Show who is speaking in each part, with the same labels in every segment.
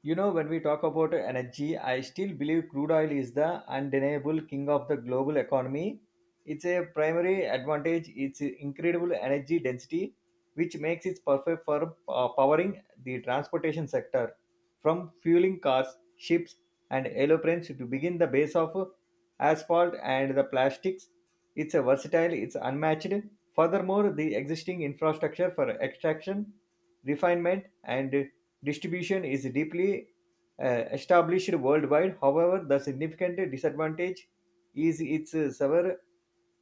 Speaker 1: You know, when we talk about energy, I still believe crude oil is the undeniable king of the global economy. It's a primary advantage, its incredible energy density, which makes it perfect for powering the transportation sector, from fueling cars, ships, and aeroplanes to begin the base of asphalt and the plastics. It's a versatile, it's unmatched. Furthermore, the existing infrastructure for extraction refinement, and distribution is deeply established worldwide. However, the significant disadvantage is its severe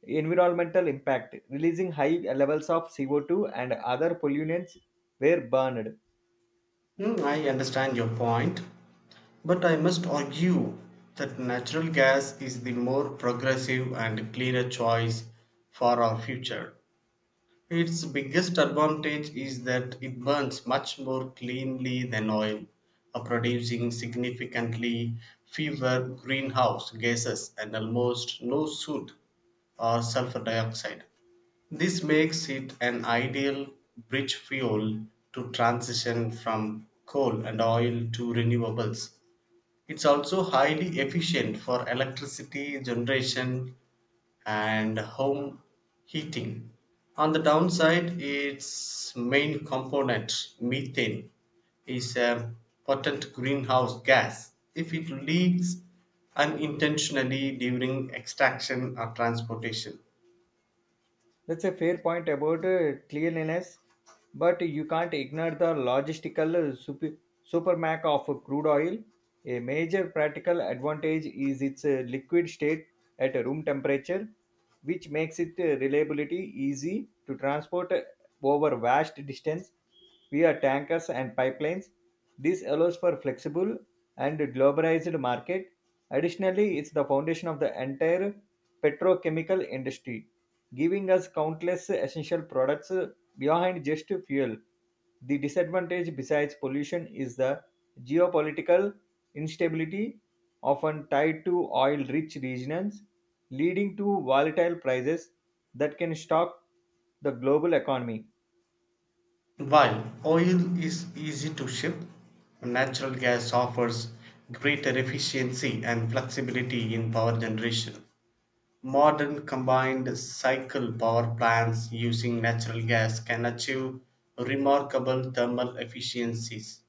Speaker 1: environmental impact, releasing high levels of CO2 and other pollutants were burned.
Speaker 2: Hmm, I understand your point, but I must argue that natural gas is the more progressive and cleaner choice for our future. Its biggest advantage is that it burns much more cleanly than oil, producing significantly fewer greenhouse gases and almost no soot or sulfur dioxide. This makes it an ideal bridge fuel to transition from coal and oil to renewables. It's also highly efficient for electricity generation and home heating. On the downside, its main component, methane, is a potent greenhouse gas. If it leaks unintentionally during extraction or transportation,
Speaker 1: That's a fair point about cleanliness, but you can't ignore the logistical supermac of crude oil. A major practical advantage is its liquid state at room temperature, which makes it reliability easy to transport over vast distance via tankers and pipelines. This allows for flexible and globalized market. Additionally, it's the foundation of the entire petrochemical industry giving us countless essential products behind just fuel. The disadvantage besides pollution is the geopolitical instability often tied to oil-rich regions, leading to volatile prices that can shock the global economy.
Speaker 2: while oil is easy to ship, natural gas offers greater efficiency and flexibility in power generation. Modern combined cycle power plants using natural gas can achieve remarkable thermal efficiencies,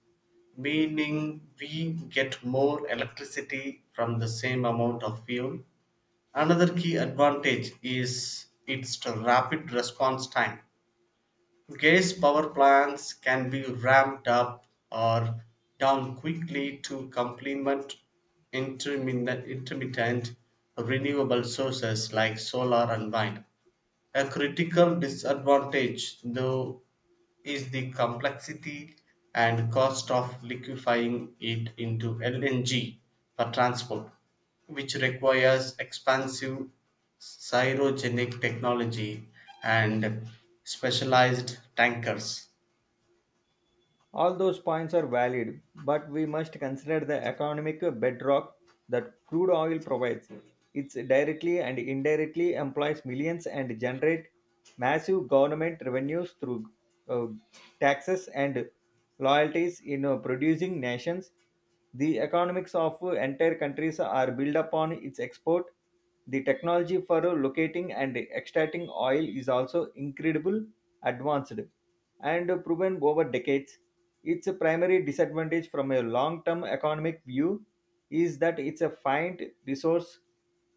Speaker 2: meaning we get more electricity from the same amount of fuel. Another key advantage is its rapid response time. Gas power plants can be ramped up or down quickly to complement intermittent renewable sources like solar and wind. A critical disadvantage, though, is the complexity and cost of liquefying it into LNG for transport, which requires expensive cryogenic technology and specialized tankers.
Speaker 1: All those points are valid, but we must consider the economic bedrock that crude oil provides. It directly and indirectly employs millions and generate massive government revenues through uh, taxes and loyalties in producing nations. The economics of entire countries are built upon its export. The technology for locating and extracting oil is also incredibly advanced and proven over decades. Its primary disadvantage from a long term economic view is that it's a finite resource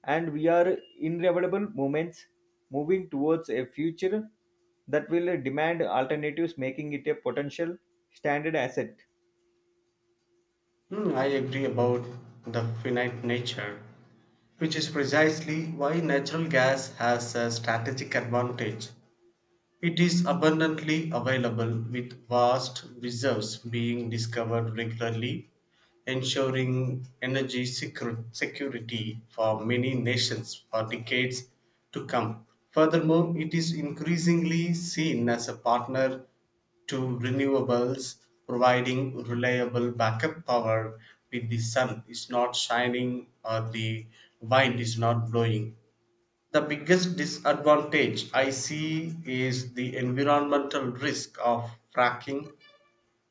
Speaker 1: and we are inevitable moments moving towards a future that will demand alternatives making it a potential standard asset.
Speaker 2: Hmm, I agree about the finite nature, which is precisely why natural gas has a strategic advantage. It is abundantly available, with vast reserves being discovered regularly, ensuring energy security for many nations for decades to come. Furthermore, it is increasingly seen as a partner to renewables, providing reliable backup power when the sun is not shining or the wind is not blowing. The biggest disadvantage I see is the environmental risk of fracking,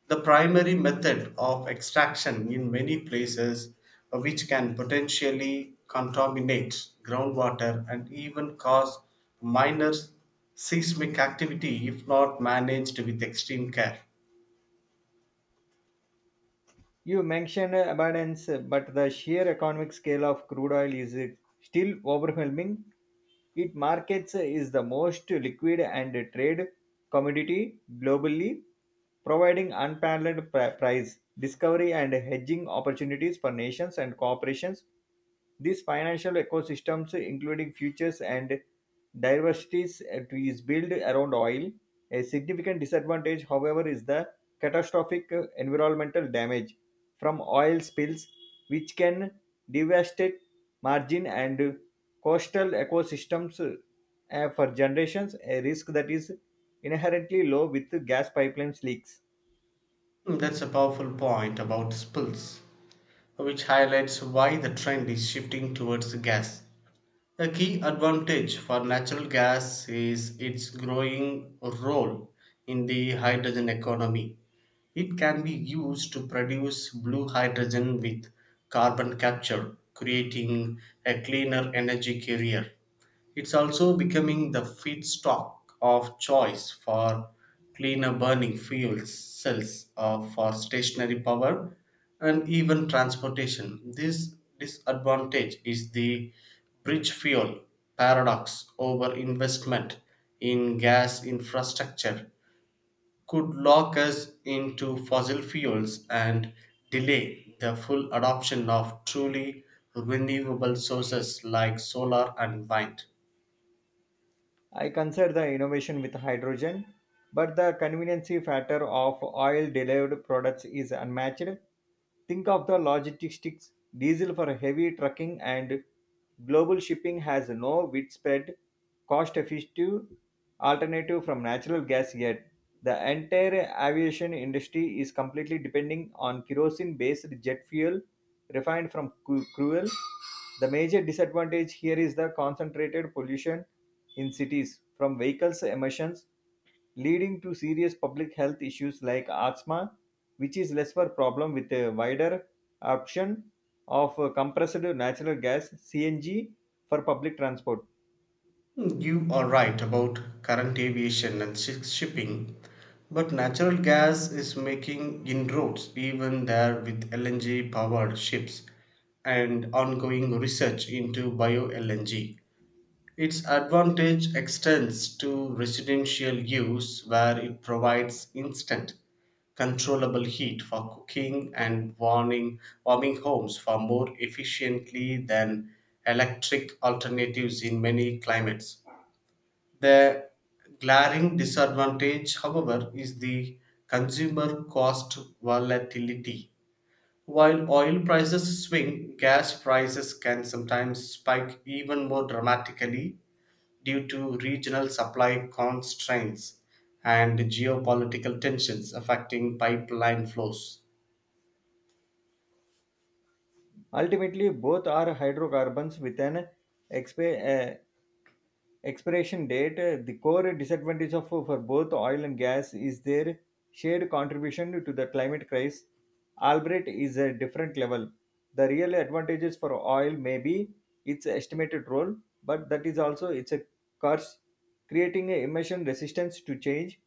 Speaker 2: the primary method of extraction in many places, which can potentially contaminate groundwater and even cause minor seismic activity if not managed with extreme care.
Speaker 1: You mentioned abundance, but the sheer economic scale of crude oil is still overwhelming. It markets is the most liquid and trade commodity globally, providing unparalleled price discovery and hedging opportunities for nations and corporations. These financial ecosystems, including futures and diversities, is built around oil. A significant disadvantage, however, is the catastrophic environmental damage from oil spills, which can devastate margin and coastal ecosystems for generations, a risk that is inherently low with gas pipelines leaks.
Speaker 2: Mm, that's a powerful point about spills, which highlights why the trend is shifting towards gas. A key advantage for natural gas is its growing role in the hydrogen economy. It can be used to produce blue hydrogen with carbon capture, creating a cleaner energy carrier. It's also becoming the feedstock of choice for cleaner burning fuel cells or for stationary power and even transportation. This disadvantage is the bridge fuel paradox over investment in gas infrastructure could lock us into fossil fuels and delay the full adoption of truly renewable sources like solar and wind.
Speaker 1: I consider the innovation with hydrogen, but the conveniency factor of oil derived products is unmatched. Think of the logistics diesel for heavy trucking and global shipping has no widespread cost effective alternative from natural gas yet. The entire aviation industry is completely depending on kerosene based jet fuel refined from fuel. The major disadvantage here is the concentrated pollution in cities from vehicles emissions, leading to serious public health issues like asthma, which is less of a problem with a wider option of compressed natural gas CNG for public transport.
Speaker 2: Hmm, you are right about current aviation and shipping, but natural gas is making inroads even there with LNG powered ships and ongoing research into bio LNG. Its advantage extends to residential use where it provides instant controllable heat for cooking and warming homes far more efficiently than electric alternatives in many climates. The glaring disadvantage, however, is the consumer cost volatility. While oil prices swing, gas prices can sometimes spike even more dramatically due to regional supply constraints and geopolitical tensions affecting pipeline flows.
Speaker 1: Ultimately, both are hydrocarbons with an exp- uh, expiration date. Uh, the core disadvantage of for both oil and gas is their shared contribution to the climate crisis, albeit is a different level. The real advantages for oil may be its estimated role, but that is also its a curse, creating a emission resistance to change.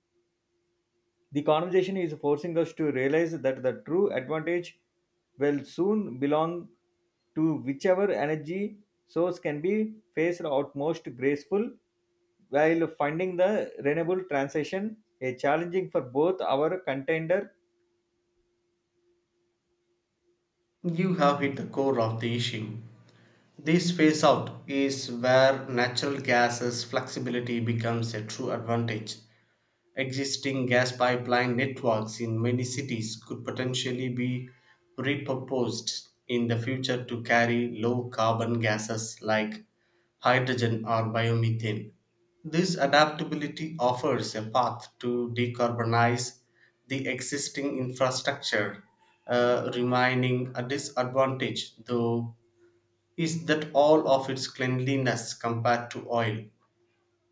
Speaker 1: The conversation is forcing us to realize that the true advantage will soon belong to whichever energy source can be faced out most graceful, while finding the renewable transition a challenging for both our contender.
Speaker 2: You have hit the core of the issue. This phase out is where natural gas's flexibility becomes a true advantage. Existing gas pipeline networks in many cities could potentially be repurposed in the future to carry low carbon gases like hydrogen or biomethane. This adaptability offers a path to decarbonize the existing infrastructure, remaining a disadvantage, though, is that all of its cleanliness compared to oil.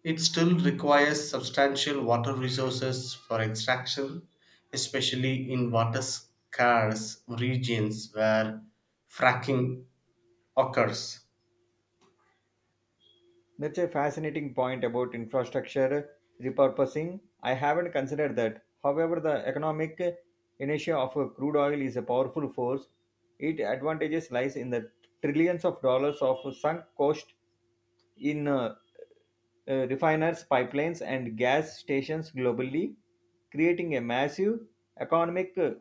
Speaker 2: It still requires substantial water resources for extraction, especially in water scarce regions where fracking occurs.
Speaker 1: That's a fascinating point about infrastructure repurposing. I haven't considered that. However, the economic inertia of a crude oil is a powerful force. Its advantages lies in the trillions of dollars of sunk cost in refiners, pipelines, and gas stations globally, creating a massive economic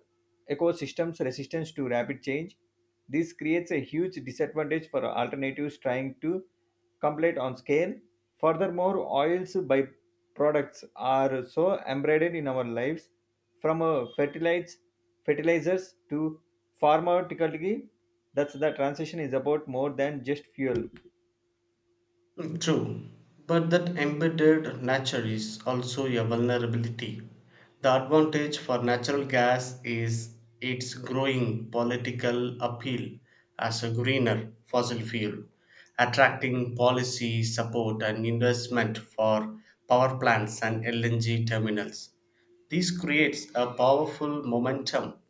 Speaker 1: ecosystem's resistance to rapid change. This creates a huge disadvantage for alternatives trying to compete on scale. Furthermore, oils byproducts are so embedded in our lives, from fertilizers to pharmaceuticals. That's the transition is about more than just fuel.
Speaker 2: Mm, true, but that embedded nature is also a vulnerability. The advantage for natural gas is its growing political appeal as a greener fossil fuel, attracting policy support and investment for power plants and LNG terminals. This creates a powerful momentum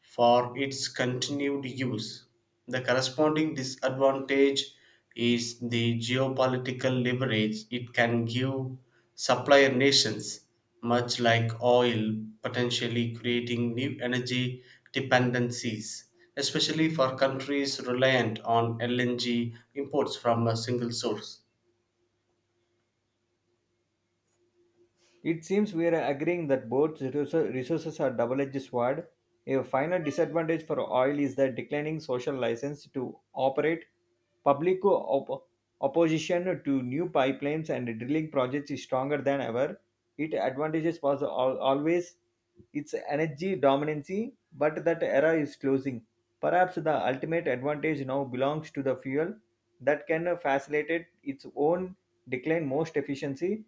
Speaker 2: for its continued use. The corresponding disadvantage is the geopolitical leverage it can give supplier nations, much like oil, potentially creating new energy dependencies, especially for countries reliant on LNG imports from a single source.
Speaker 1: It seems we are agreeing that both resources are double edged sword. A final disadvantage for oil is the declining social license to operate. Public opposition to new pipelines and drilling projects is stronger than ever. Its advantages was always its energy dominancy, but that era is closing. Perhaps the ultimate advantage now belongs to the fuel that can facilitate its own decline most efficiency,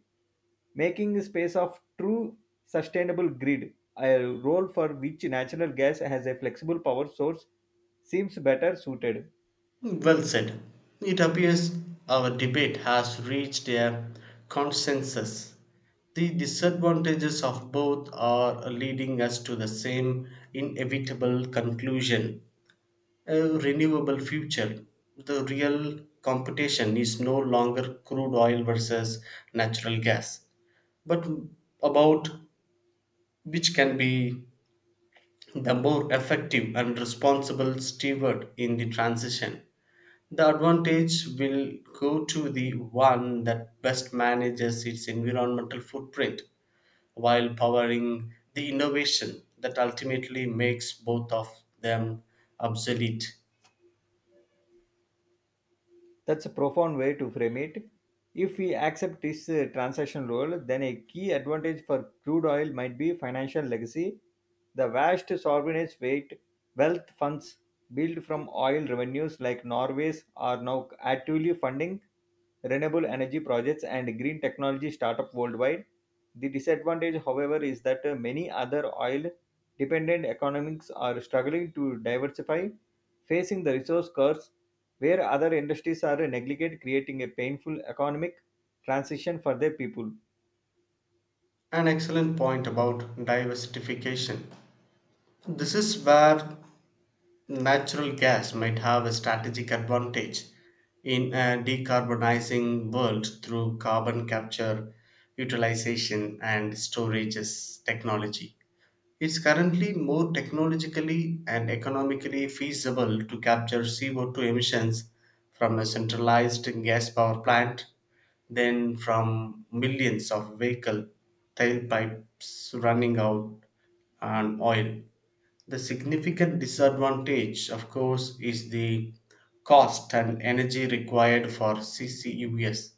Speaker 1: making space of true sustainable grid, a role for which natural gas has a flexible power source seems better suited.
Speaker 2: Well said. It appears our debate has reached a consensus. The disadvantages of both are leading us to the same inevitable conclusion, a renewable future. The real competition is no longer crude oil versus natural gas, but about which can be the more effective and responsible steward in the transition. The advantage will go to the one that best manages its environmental footprint while powering the innovation that ultimately makes both of them obsolete.
Speaker 1: That's a profound way to frame it. If we accept this transaction role, then a key advantage for crude oil might be financial legacy. The vast sovereign weight wealth funds built from oil revenues like Norway's are now actively funding renewable energy projects and green technology startup worldwide. The disadvantage, however, is that many other oil dependent economies are struggling to diversify, facing the resource curse where other industries are neglected, creating a painful economic transition for their people.
Speaker 2: An excellent point about diversification. This is where natural gas might have a strategic advantage in a decarbonizing world through carbon capture, utilization, and storage technology. It's currently more technologically and economically feasible to capture CO2 emissions from a centralized gas power plant than from millions of vehicle tailpipes running out on oil. The significant disadvantage, of course, is the cost and energy required for CCUS,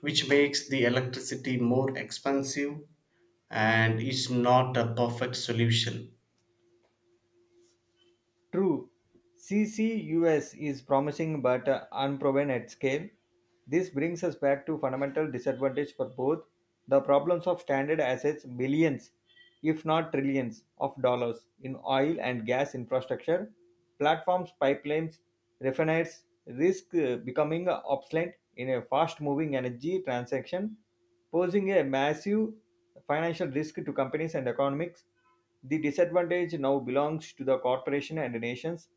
Speaker 2: which makes the electricity more expensive and is not a perfect solution.
Speaker 1: True, CCUS is promising but unproven at scale. This brings us back to fundamental disadvantage for both the problems of stranded assets, billions, if not trillions, of dollars in oil and gas infrastructure, platforms, pipelines, refineries, risk becoming obsolete in a fast moving energy transaction, posing a massive financial risk to companies and economics. The disadvantage now belongs to the corporation and nations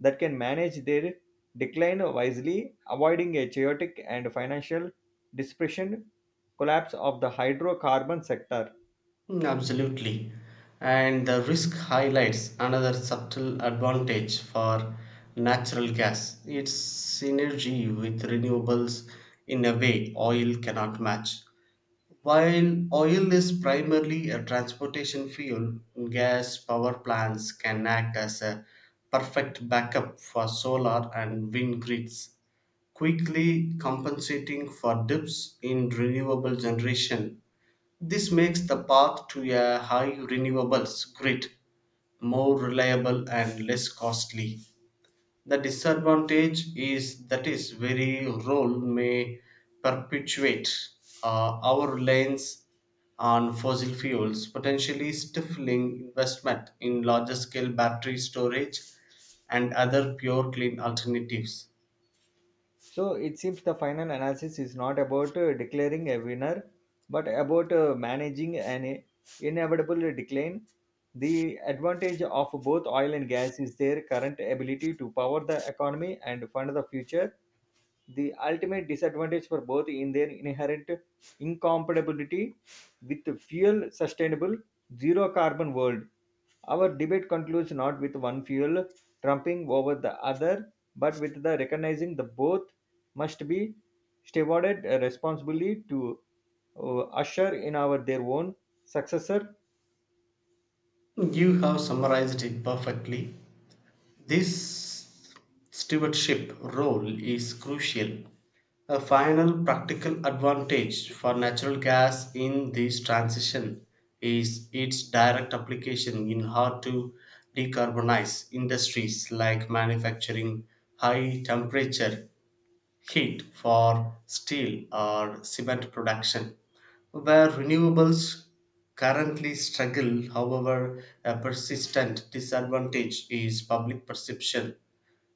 Speaker 1: that can manage their decline wisely, avoiding a chaotic and financial dispersion collapse of the hydrocarbon sector.
Speaker 2: Mm, absolutely. And the risk highlights another subtle advantage for natural gas, its synergy with renewables in a way oil cannot match. While oil is primarily a transportation fuel, gas power plants can act as a perfect backup for solar and wind grids, quickly compensating for dips in renewable generation. This makes the path to a high renewables grid more reliable and less costly. The disadvantage is that its very role may perpetuate our reliance on fossil fuels, potentially stifling investment in larger scale battery storage and other pure clean alternatives.
Speaker 1: So it seems the final analysis is not about declaring a winner, but about managing an inevitable decline. The advantage of both oil and gas is their current ability to power the economy and fund the future. The ultimate disadvantage for both in their inherent incompatibility with the fuel sustainable zero carbon world. Our debate concludes not with one fuel trumping over the other, but with the recognizing the both must be stewarded responsibly to usher in our their own successor.
Speaker 2: You have summarized it perfectly. This stewardship role is crucial. A final practical advantage for natural gas in this transition is its direct application in hard to decarbonize industries like manufacturing, high temperature heat for steel or cement production. Where renewables currently struggle, however, a persistent disadvantage is public perception.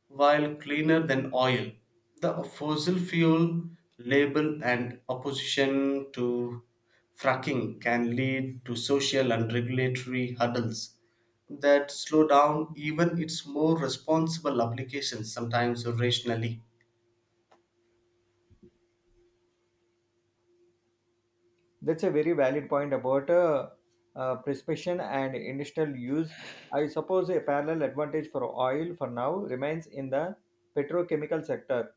Speaker 2: While cleaner than oil, the fossil fuel label and opposition to fracking can lead to social and regulatory hurdles that slow down even its more responsible applications, sometimes irrationally.
Speaker 1: That's a very valid point about prescription and industrial use. I suppose a parallel advantage for oil for now remains in the petrochemical sector.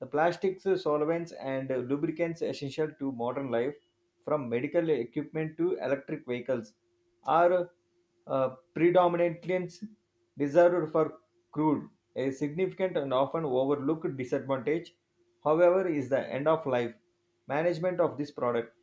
Speaker 1: The plastics, solvents, and lubricants essential to modern life, from medical equipment to electric vehicles, are uh, predominantly reserved for crude. A significant and often overlooked disadvantage, however, is the end of life management of this product,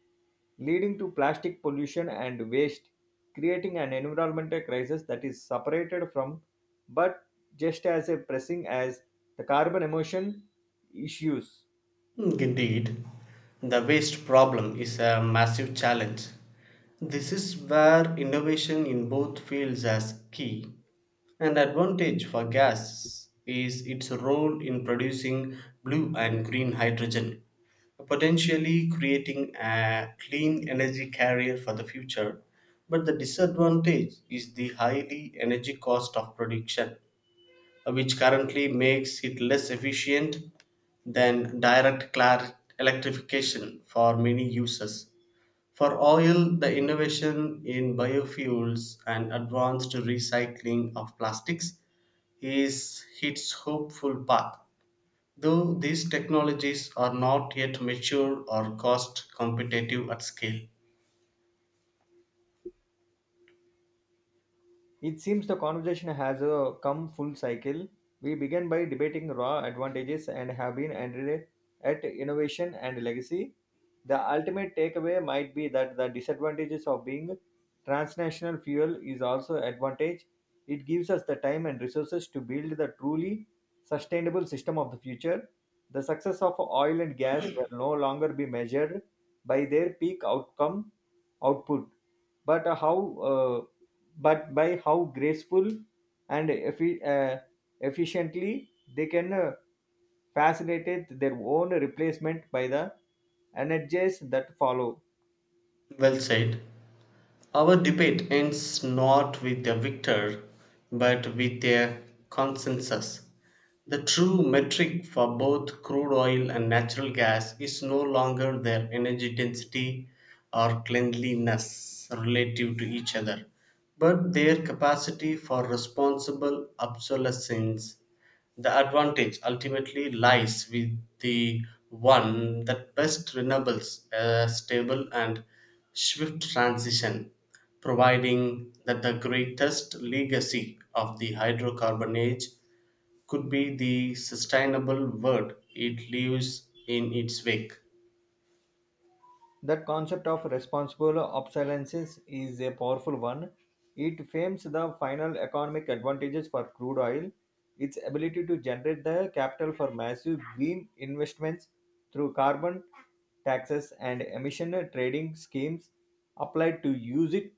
Speaker 1: leading to plastic pollution and waste, creating an environmental crisis that is separated from but just as a pressing as the carbon emission issues.
Speaker 2: Hmm, indeed, the waste problem is a massive challenge. This is where innovation in both fields is key. An advantage for gas is its role in producing blue and green hydrogen, potentially creating a clean energy carrier for the future. But the disadvantage is the highly energy cost of production which currently makes it less efficient than direct electrification for many uses. For oil, the innovation in biofuels and advanced recycling of plastics is its hopeful path. Though these technologies are not yet mature or cost competitive at scale.
Speaker 1: It seems the conversation has come full cycle. We began by debating raw advantages and have been ended at innovation and legacy. The ultimate takeaway might be that the disadvantages of being transnational fuel is also advantage. It gives us the time and resources to build the truly sustainable system of the future. The success of oil and gas will no longer be measured by their peak outcome output, but how but by how graceful and efficiently they can facilitate their own replacement by the energies that follow.
Speaker 2: Well said. Our debate ends not with a victor but with a consensus. The true metric for both crude oil and natural gas is no longer their energy density or cleanliness relative to each other, but their capacity for responsible obsolescence. The advantage ultimately lies with the one that best resembles a stable and swift transition, providing that the greatest legacy of the hydrocarbon age could be the sustainable world it leaves in its wake.
Speaker 1: That concept of responsible obsolescence is a powerful one. It frames the final economic advantages for crude oil, its ability to generate the capital for massive green investments through carbon taxes and emission trading schemes applied to use it.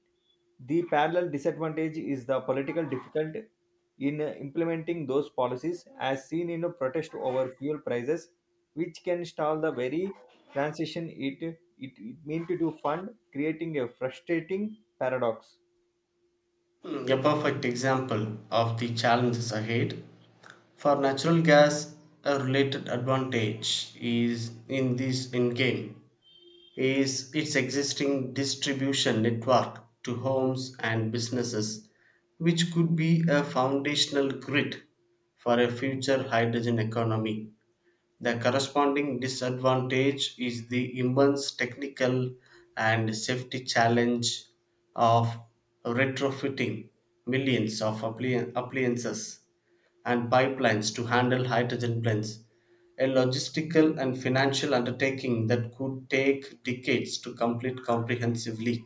Speaker 1: The parallel disadvantage is the political difficulty in implementing those policies, as seen in a protest over fuel prices, which can stall the very transition it meant to fund, creating a frustrating paradox.
Speaker 2: Mm, a perfect example of the challenges ahead. For natural gas, a related advantage is in this endgame is its existing distribution network to homes and businesses, which could be a foundational grid for a future hydrogen economy. The corresponding disadvantage is the immense technical and safety challenge of retrofitting millions of appliances and pipelines to handle hydrogen blends, a logistical and financial undertaking that could take decades to complete comprehensively.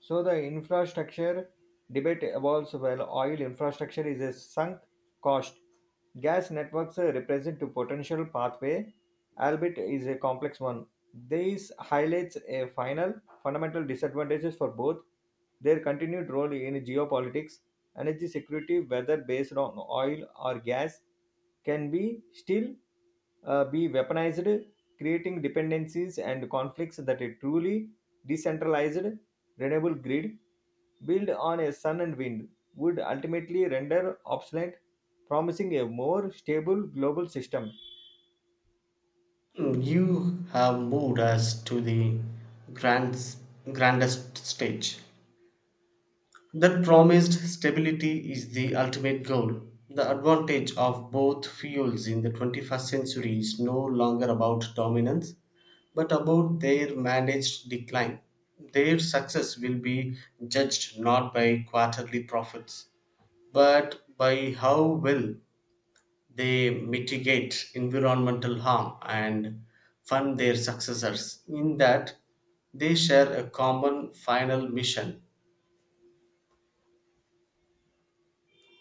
Speaker 1: So the infrastructure debate evolves while oil infrastructure is a sunk cost. Gas networks represent a potential pathway, albeit is a complex one. This highlights a final fundamental disadvantages for both their continued role in geopolitics, energy security, whether based on oil or gas, can be still be weaponized, creating dependencies and conflicts that a truly decentralized renewable grid built on a sun and wind would ultimately render obsolete, promising a more stable global system.
Speaker 2: Mm, you have moved us to the grand, grandest stage. That promised stability is the ultimate goal. The advantage of both fuels in the 21st century is no longer about dominance, but about their managed decline. Their success will be judged not by quarterly profits, but by how well they mitigate environmental harm and fund their successors. In that, they share a common final mission.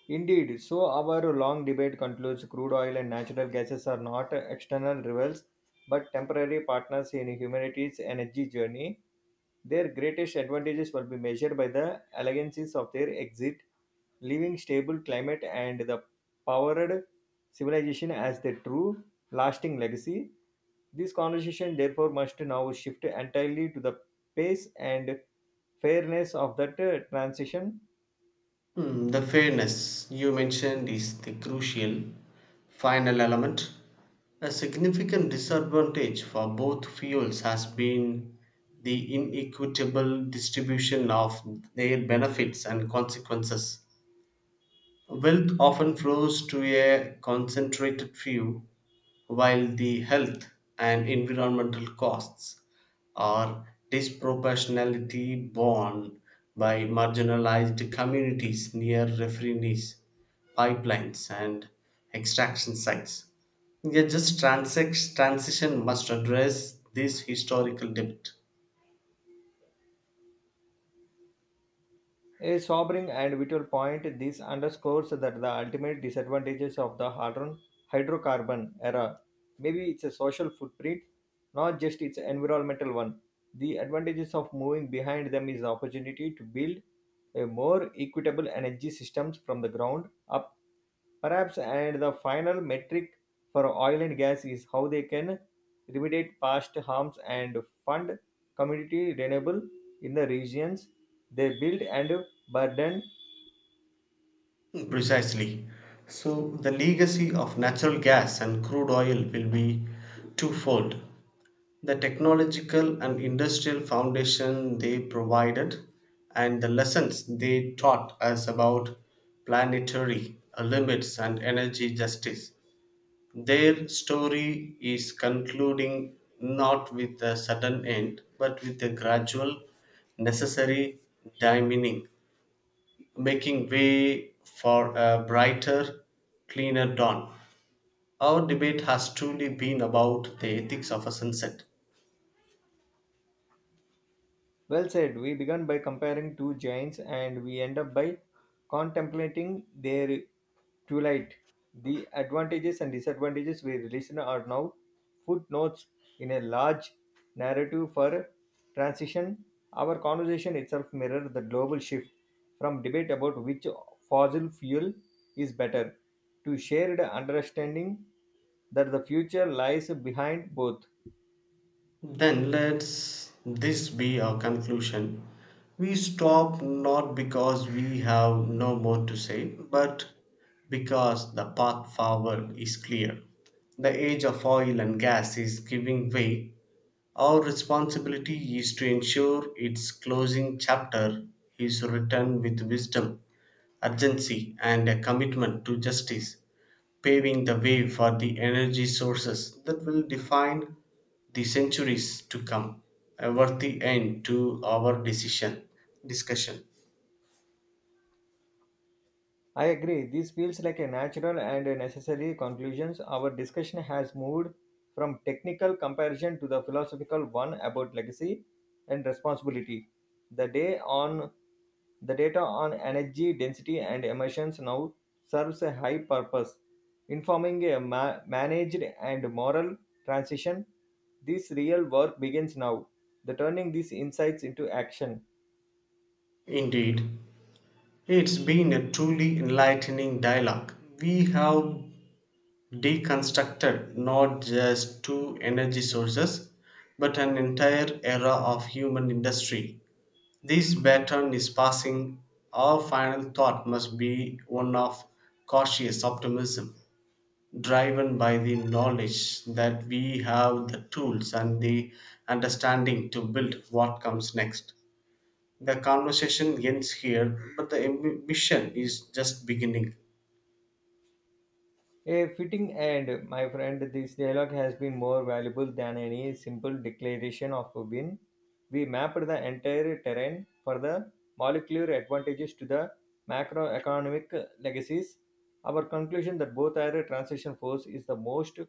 Speaker 1: Indeed, so our long debate concludes crude oil and natural gases are not external rivals but temporary partners in humanity's energy journey. Their greatest advantages will be measured by the allegancies of their exit, leaving stable climate and the powered civilization as their true lasting legacy. This conversation therefore must now shift entirely to the pace and fairness of that transition.
Speaker 2: Hmm, the fairness you mentioned is the crucial final element. A significant disadvantage for both fuels has been the inequitable distribution of their benefits and consequences. Wealth often flows to a concentrated few, while the health and environmental costs are disproportionately borne by marginalized communities near refineries, pipelines, and extraction sites. Yet, just transition must address this historical debt.
Speaker 1: A sobering and vital point, this underscores that the ultimate disadvantages of the hydrocarbon era maybe it's a social footprint, not just its environmental one. The advantages of moving behind them is the opportunity to build a more equitable energy systems from the ground up. Perhaps, and the final metric for oil and gas is how they can remediate past harms and fund community renewable in the regions they build and burden.
Speaker 2: Precisely. So, the legacy of natural gas and crude oil will be twofold, the technological and industrial foundation they provided, and the lessons they taught us about planetary limits and energy justice. Their story is concluding not with a sudden end, but with a gradual, necessary dimining making way for a brighter, cleaner dawn. Our debate has truly been about the ethics of a sunset.
Speaker 1: Well said. We began by comparing two giants and we end up by contemplating their twilight. The advantages and disadvantages we listen are now footnotes in a large narrative for transition. Our conversation itself mirrors the global shift from debate about which fossil fuel is better to shared understanding that the future lies behind both.
Speaker 2: Then let's this be our conclusion. We stop not because we have no more to say, but because the path forward is clear. The age of oil and gas is giving way. Our responsibility is to ensure its closing chapter is written with wisdom, urgency, and a commitment to justice, paving the way for the energy sources that will define the centuries to come. A worthy end to our decision discussion.
Speaker 1: I agree. This feels like a natural and a necessary conclusion. Our discussion has moved from technical comparison to the philosophical one about legacy and responsibility. The day on the data on energy density and emissions now serves a high purpose, informing a managed and moral transition. This real work begins now, the turning these insights into action.
Speaker 2: Indeed, it's been a truly enlightening dialogue. We have deconstructed not just two energy sources but an entire era of human industry. This pattern is passing. Our final thought must be one of cautious optimism, driven by the knowledge that we have the tools and the understanding to build what comes next. The conversation ends here, but the ambition is just beginning.
Speaker 1: A fitting end, my friend. This dialogue has been more valuable than any simple declaration of a win. We mapped the entire terrain for the molecular advantages to the macroeconomic legacies. Our conclusion that both are transition force is the most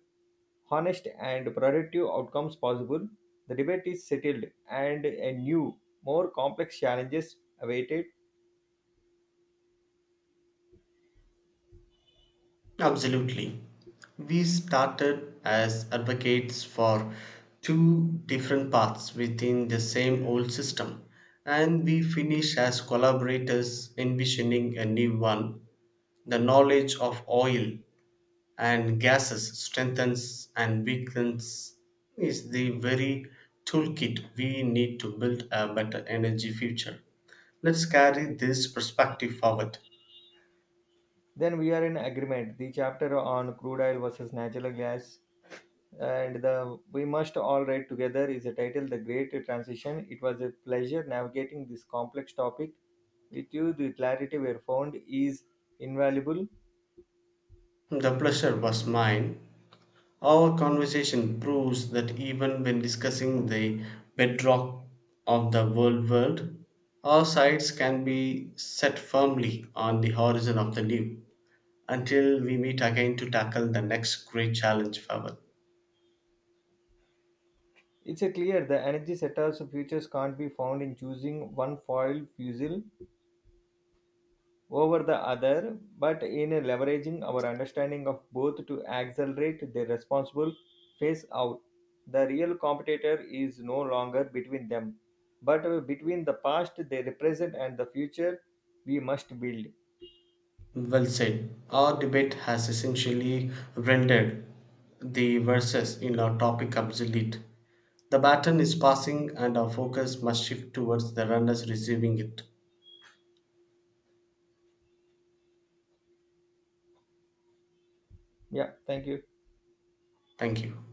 Speaker 1: honest and productive outcomes possible. The debate is settled, and a new, more complex challenges awaited.
Speaker 2: Absolutely. We started as advocates for two different paths within the same old system, and we finish as collaborators envisioning a new one. The knowledge of oil and gases strengthens and weakens is the very toolkit we need to build a better energy future. Let's carry this perspective forward.
Speaker 1: Then we are in agreement. The chapter on crude oil versus natural gas and the We Must All write Together is the title, The Great Transition. It was a pleasure navigating this complex topic with you. The clarity we have found is invaluable.
Speaker 2: The pleasure was mine. Our conversation proves that even when discussing the bedrock of the world, our sights can be set firmly on the horizon of the new until we meet again to tackle the next great challenge forward.
Speaker 1: It's a clear the energy setups of futures can't be found in choosing one foil fuel over the other, but in leveraging our understanding of both to accelerate their responsible phase out. The real competitor is no longer between them, but between the past they represent and the future we must build.
Speaker 2: Well said. Our debate has essentially rendered the verses in our topic obsolete. The baton is passing and our focus must shift towards the runners receiving it.
Speaker 1: Yeah, thank you.
Speaker 2: Thank you.